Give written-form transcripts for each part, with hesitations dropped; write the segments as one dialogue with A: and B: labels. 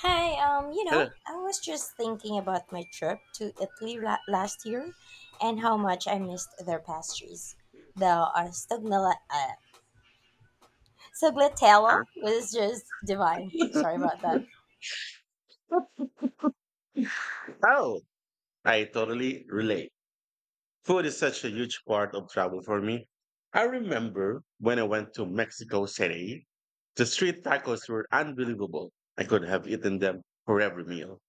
A: Hi,
B: Hello.
A: I was just thinking about my trip to Italy last year and how much I missed their pastries. The stagliatella
B: Huh?
A: was just divine. Sorry about that.
B: Oh, I totally relate. Food is such a huge part of travel for me. I remember when I went to Mexico City, the street tacos were unbelievable. I could have eaten them for every meal.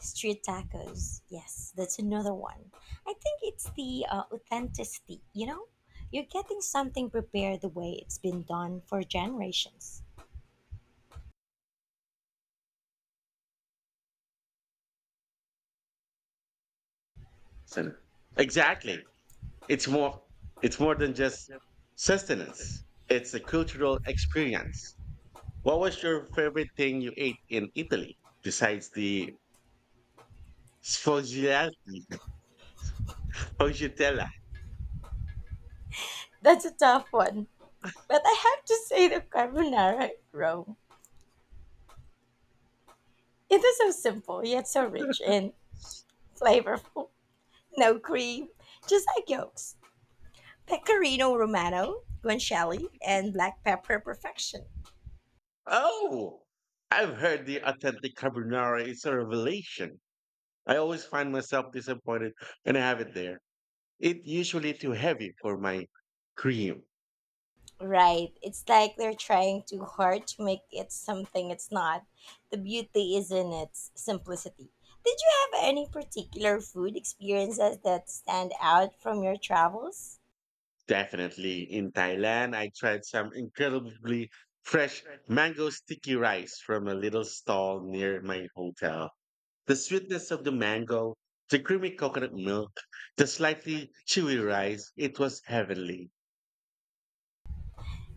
A: Street tacos. Yes, that's another one. I think it's the authenticity, you know? You're getting something prepared the way it's been done for generations.
B: So- Exactly. It's more it's more than just sustenance. It's a cultural experience. What was your favorite thing you ate in Italy besides the sfogliati? Sfogliatella.
A: That's a tough one. But I have to say the carbonara at Rome. It is so simple, yet so rich and flavorful. No cream, just egg yolks. Pecorino Romano, guanciale, and black pepper perfection.
B: Oh, I've heard the authentic carbonara is a revelation. I always find myself disappointed when I have it there. It's usually too heavy for my cream.
A: Right. It's like they're trying too hard to make it something it's not. The beauty is in its simplicity. Did you have any particular food experiences that stand out from your travels?
B: Definitely in Thailand, I tried some incredibly fresh mango sticky rice from a little stall near my hotel. The sweetness of the mango, the creamy coconut milk, the slightly chewy rice, it was heavenly.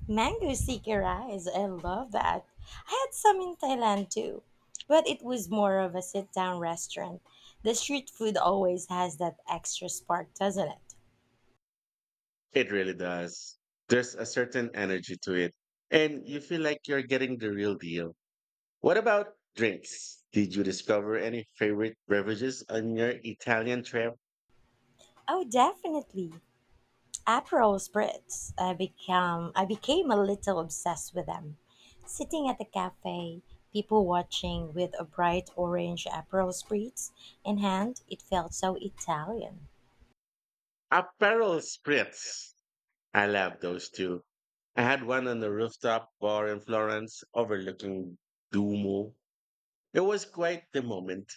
A: Mango sticky rice, I love that. I had some in Thailand too, but it was more of a sit down restaurant. The street food always has that extra spark, doesn't it?
B: It really does. There's a certain energy to it, and you feel like you're getting the real deal. What about drinks? Did you discover any favorite beverages on your Italian trip?
A: Oh, definitely. Aperol spritz. I became a little obsessed with them. Sitting at the cafe, people watching with a bright orange Aperol spritz in hand, it felt so Italian.
B: Aperol spritz. I love those too. I had one on the rooftop bar in Florence overlooking Duomo. It was quite the moment.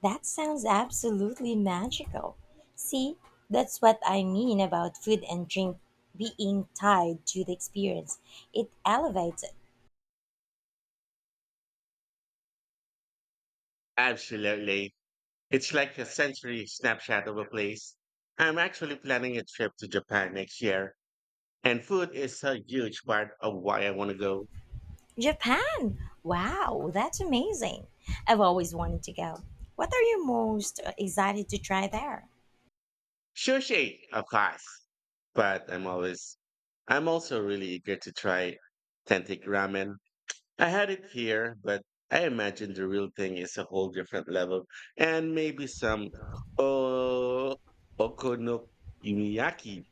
A: That sounds absolutely magical. See, that's what I mean about food and drink being tied to the experience. It elevates it.
B: Absolutely. It's like a sensory snapshot of a place. I'm actually planning a trip to Japan next year, and food is a huge part of why I want to go.
A: Japan! Wow, that's amazing. I've always wanted to go. What are you most excited to try there?
B: Sushi, of course. But I'm always, I'm also really eager to try authentic ramen. I had it here, but I imagine the real thing is a whole different level. And maybe some oh, okonomiyaki.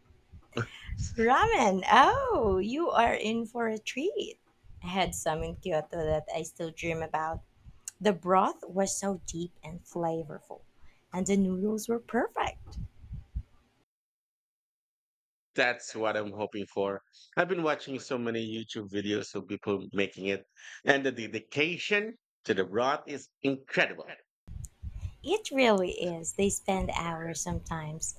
A: Ramen! Oh, you are in for a treat. I had some in Kyoto that I still dream about. The broth was so deep and flavorful, and the noodles were perfect.
B: That's what I'm hoping for. I've been watching so many YouTube videos of people making it, and the dedication to the broth is incredible.
A: It really is. They spend hours, sometimes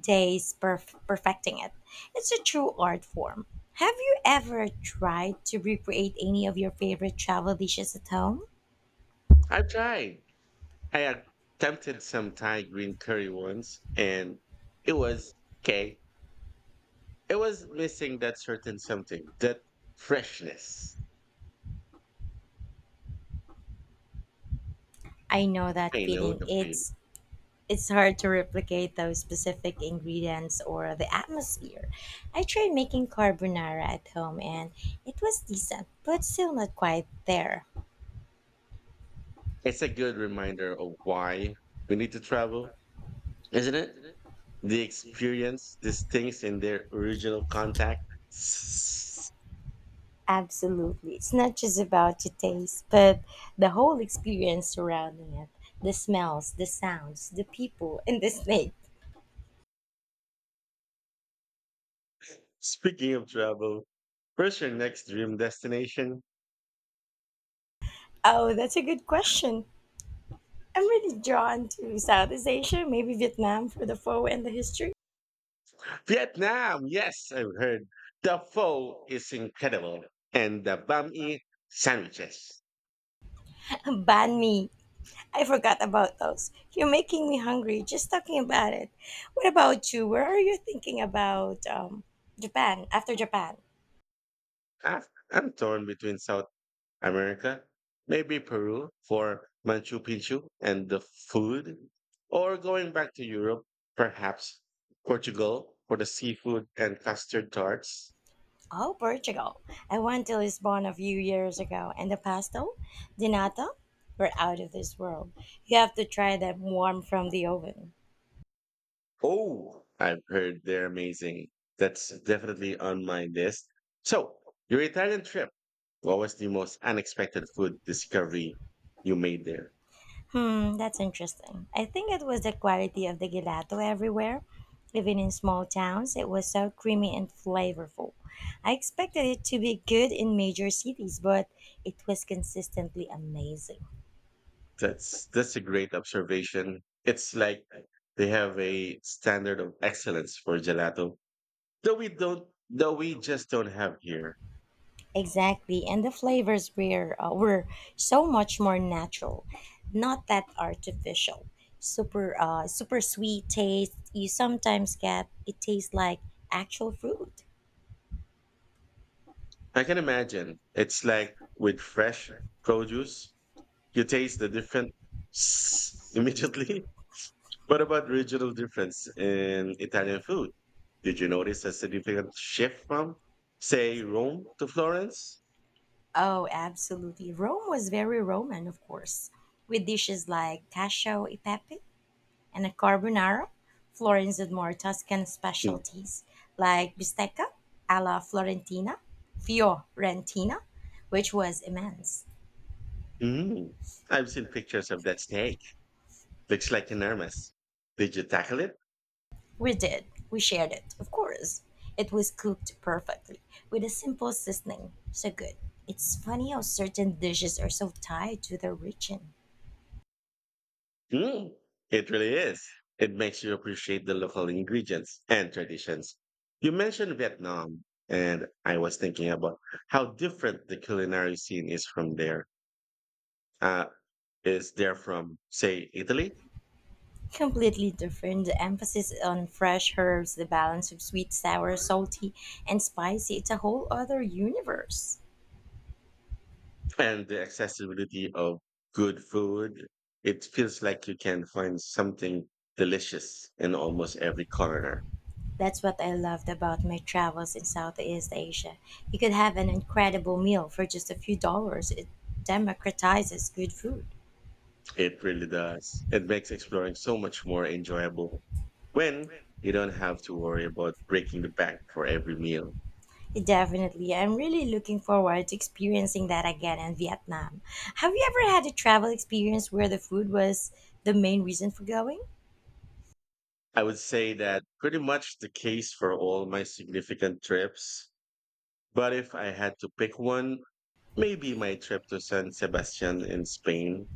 A: days, perfecting it. It's a true art form. Have you ever tried to recreate any of your favorite travel dishes at home?
B: I've tried I had attempted some Thai green curry once, and it was okay. It was missing that certain something, that freshness.
A: I know that
B: I know
A: feeling.
B: the feeling.
A: It's hard to replicate those specific ingredients or the atmosphere. I tried making carbonara at home and it was decent, but still not quite there.
B: It's a good reminder of why we need to travel, isn't it? The experience, these things in their original contact. S-
A: Absolutely. It's not just about the taste, but the whole experience surrounding it. The smells, the sounds, the people, and the snake.
B: Speaking of travel, where's your next dream destination?
A: Oh, that's a good question. I'm really drawn to Southeast Asia, maybe Vietnam for the pho and the history.
B: Vietnam, yes, I've heard. The pho is incredible, and the banh mi sandwiches.
A: Banh mi. I forgot about those. You're making me hungry just talking about it. What about you? Where are you thinking about Japan after Japan?
B: Ah, I'm torn between South America, maybe Peru for Machu Picchu and the food, or going back to Europe, perhaps Portugal for the seafood and custard tarts.
A: Oh, Portugal. I went to Lisbon a few years ago, and the pastel de nata were out of this world. You have to try them warm from the oven.
B: Oh, I've heard they're amazing. That's definitely on my list. So, your Italian trip, what was the most unexpected food discovery you made there?
A: Hmm, that's interesting. I think it was the quality of the gelato everywhere. Even in small towns, it was so creamy and flavorful. I expected it to be good in major cities, but it was consistently amazing.
B: That's a great observation. It's like they have a standard of excellence for gelato that we just don't have here.
A: Exactly, and the flavors were were so much more natural, not that artificial. Super super sweet taste you sometimes get. It tastes like actual fruit.
B: I can imagine. It's like with fresh produce, you taste the different immediately. What about regional difference in Italian food? Did you notice a significant shift from, say, Rome to Florence?
A: Oh, absolutely. Rome was very Roman, of course, with dishes like cacio e pepe and a carbonara. Florence had more Tuscan
B: Mm.
A: specialties like bistecca alla Florentina, fiorentina, which was immense.
B: Mm-hmm. I've seen pictures of that steak. Looks like enormous. Did you tackle it?
A: We did. We shared it, of course. It was cooked perfectly, with a simple seasoning. So good. It's funny how certain dishes are so tied to their region.
B: Mm. It really is. It makes you appreciate the local ingredients and traditions. You mentioned Vietnam, and I was thinking about how different the culinary scene is from there. Uh, is there from, say, Italy?
A: Completely different. The emphasis on fresh herbs, the balance of sweet, sour, salty, and spicy. It's a whole other universe.
B: And the accessibility of good food. It feels like you can find something delicious in almost every corner.
A: That's what I loved about my travels in Southeast Asia. You could have an incredible meal for just a few dollars. It democratizes good food.
B: It really does. It makes exploring so much more enjoyable when you don't have to worry about breaking the bank for every meal.
A: Definitely. I'm really looking forward to experiencing that again in Vietnam. Have you ever had a travel experience where the food was the main reason for going?
B: I would say that pretty much the case for all my significant trips. But if I had to pick one, maybe my trip to San Sebastian in Spain,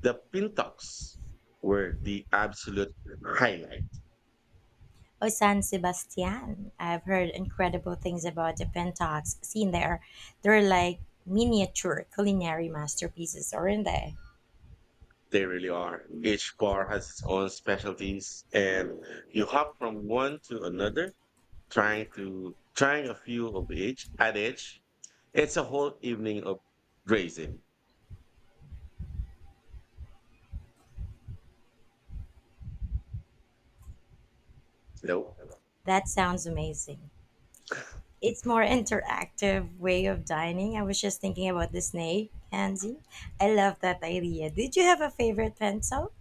B: the Pintox were the absolute highlight.
A: Oh, San Sebastian. I've heard incredible things about the Pentox seen there. They're like miniature culinary masterpieces, aren't they?
B: They really are. Each bar has its own specialties, and you hop from one to another, trying a few of each at each. It's a whole evening of grazing. Nope.
A: That sounds amazing. It's more interactive way of dining. I was just thinking about the snake, Hansi. I love that idea. Did you have a favorite pencil?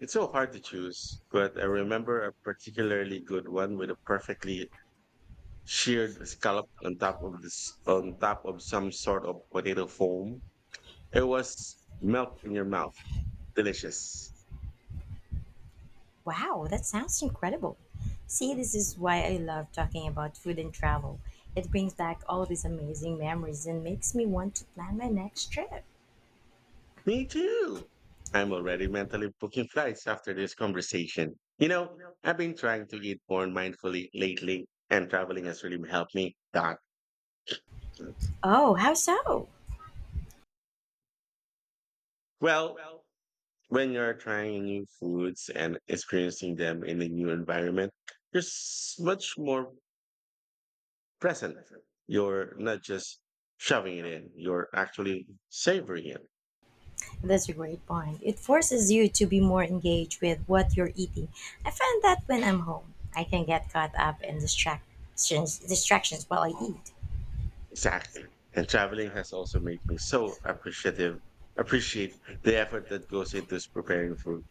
B: It's so hard to choose, but I remember a particularly good one with a perfectly sheared scallop on top of some sort of potato foam. It was melt in your mouth. Delicious.
A: Wow, that sounds incredible. See, this is why I love talking about food and travel. It brings back all these amazing memories and makes me want to plan my next trip.
B: Me too. I'm already mentally booking flights after this conversation. You know, I've been trying to eat more mindfully lately, and traveling has really helped me. That,
A: Oh, how so?
B: well, when you're trying new foods and experiencing them in a new environment, much more present. You're not just shoving it in; you're actually savoring it.
A: That's a great point. It forces you to be more engaged with what you're eating. I find that when I'm home, I can get caught up in distractions while I eat.
B: Exactly. And traveling has also made me so appreciate the effort that goes into preparing food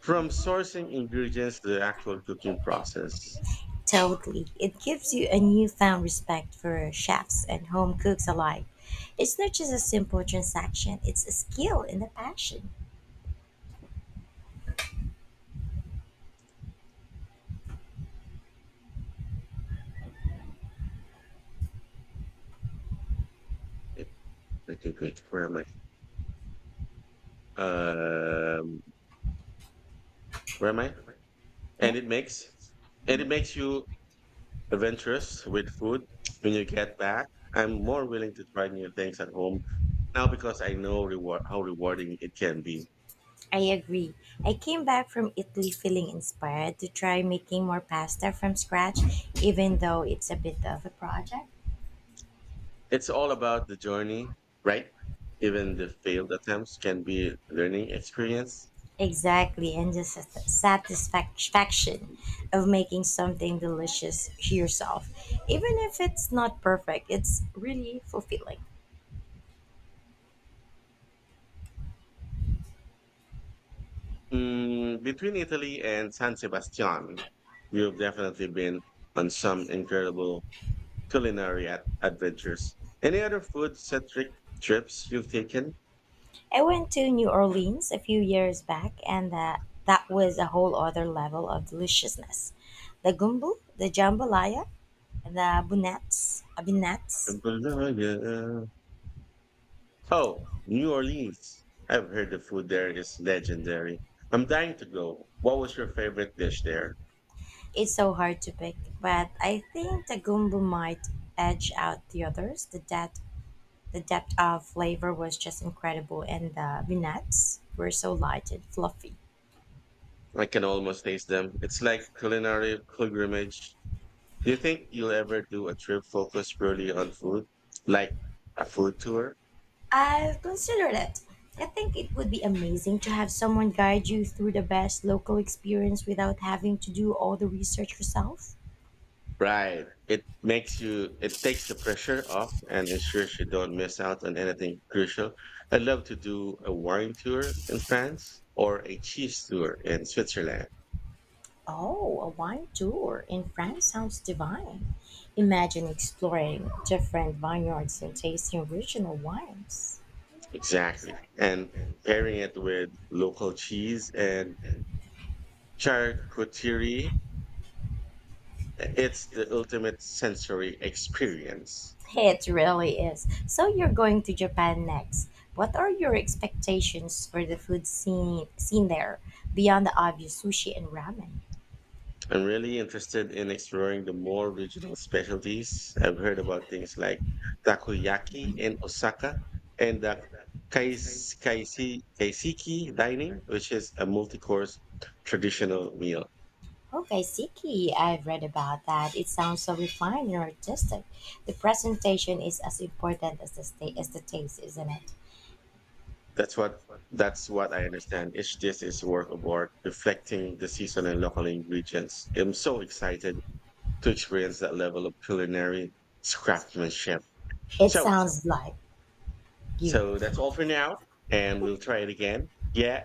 B: from sourcing ingredients to the actual cooking process,
A: Totally. It gives you a newfound respect for chefs and home cooks alike. It's not just a simple transaction, it's a skill and a passion.
B: it, it, where am I? Um, where am I?
A: Yeah,
B: And it makes you adventurous with food when you get back. I'm more willing to try new things at home now because I know reward how rewarding it can be.
A: I agree. I came back from Italy feeling inspired to try making more pasta from scratch, even though it's a bit of a project.
B: It's all about the journey, right? Even the failed attempts can be a learning experience.
A: Exactly, and the satisfaction of making something delicious yourself. Even if it's not perfect, it's really fulfilling.
B: Mm, between Italy and San Sebastian, you've definitely been on some incredible culinary adventures. Any other food-centric trips you've taken?
A: I went to New Orleans a few years back, and that was a whole other level of deliciousness. The gumbo, the jambalaya, the abinettes.
B: Oh, New Orleans. I've heard the food there is legendary. I'm dying to go. What was your favorite dish there?
A: It's so hard to pick, but I think the gumbo might edge out the others. The depth of flavor was just incredible, and the abinettes were so light and fluffy.
B: I can almost taste them. It's like culinary pilgrimage. Do you think you'll ever do a trip focused purely on food? Like a food tour?
A: I've considered it. I think it would be amazing to have someone guide you through the best local experience without having to do all the research yourself.
B: Right. It makes you, it takes the pressure off and ensures you don't miss out on anything crucial. I'd love to do a wine tour in France or a cheese tour in Switzerland.
A: Oh, a wine tour in France sounds divine. Imagine exploring different vineyards and tasting regional wines.
B: Exactly. And pairing it with local cheese and charcuterie, it's the ultimate sensory experience.
A: It really is. So you're going to Japan next. What are your expectations for the scene there, beyond the obvious sushi and ramen?
B: I'm really interested in exploring the more regional specialties. I've heard about things like takoyaki in Osaka and the kaiseki dining, which is a multi-course traditional meal.
A: Oh, Kaiseki, I've read about that. It sounds so refined and artistic. The presentation is as important as as the taste, isn't it?
B: That's what that's what I understand. Each dish is a work of art, reflecting the season and local ingredients. I'm so excited to experience that level of culinary craftsmanship.
A: It
B: So,
A: sounds like you.
B: so, that's all for now, and we'll try it again. Yeah.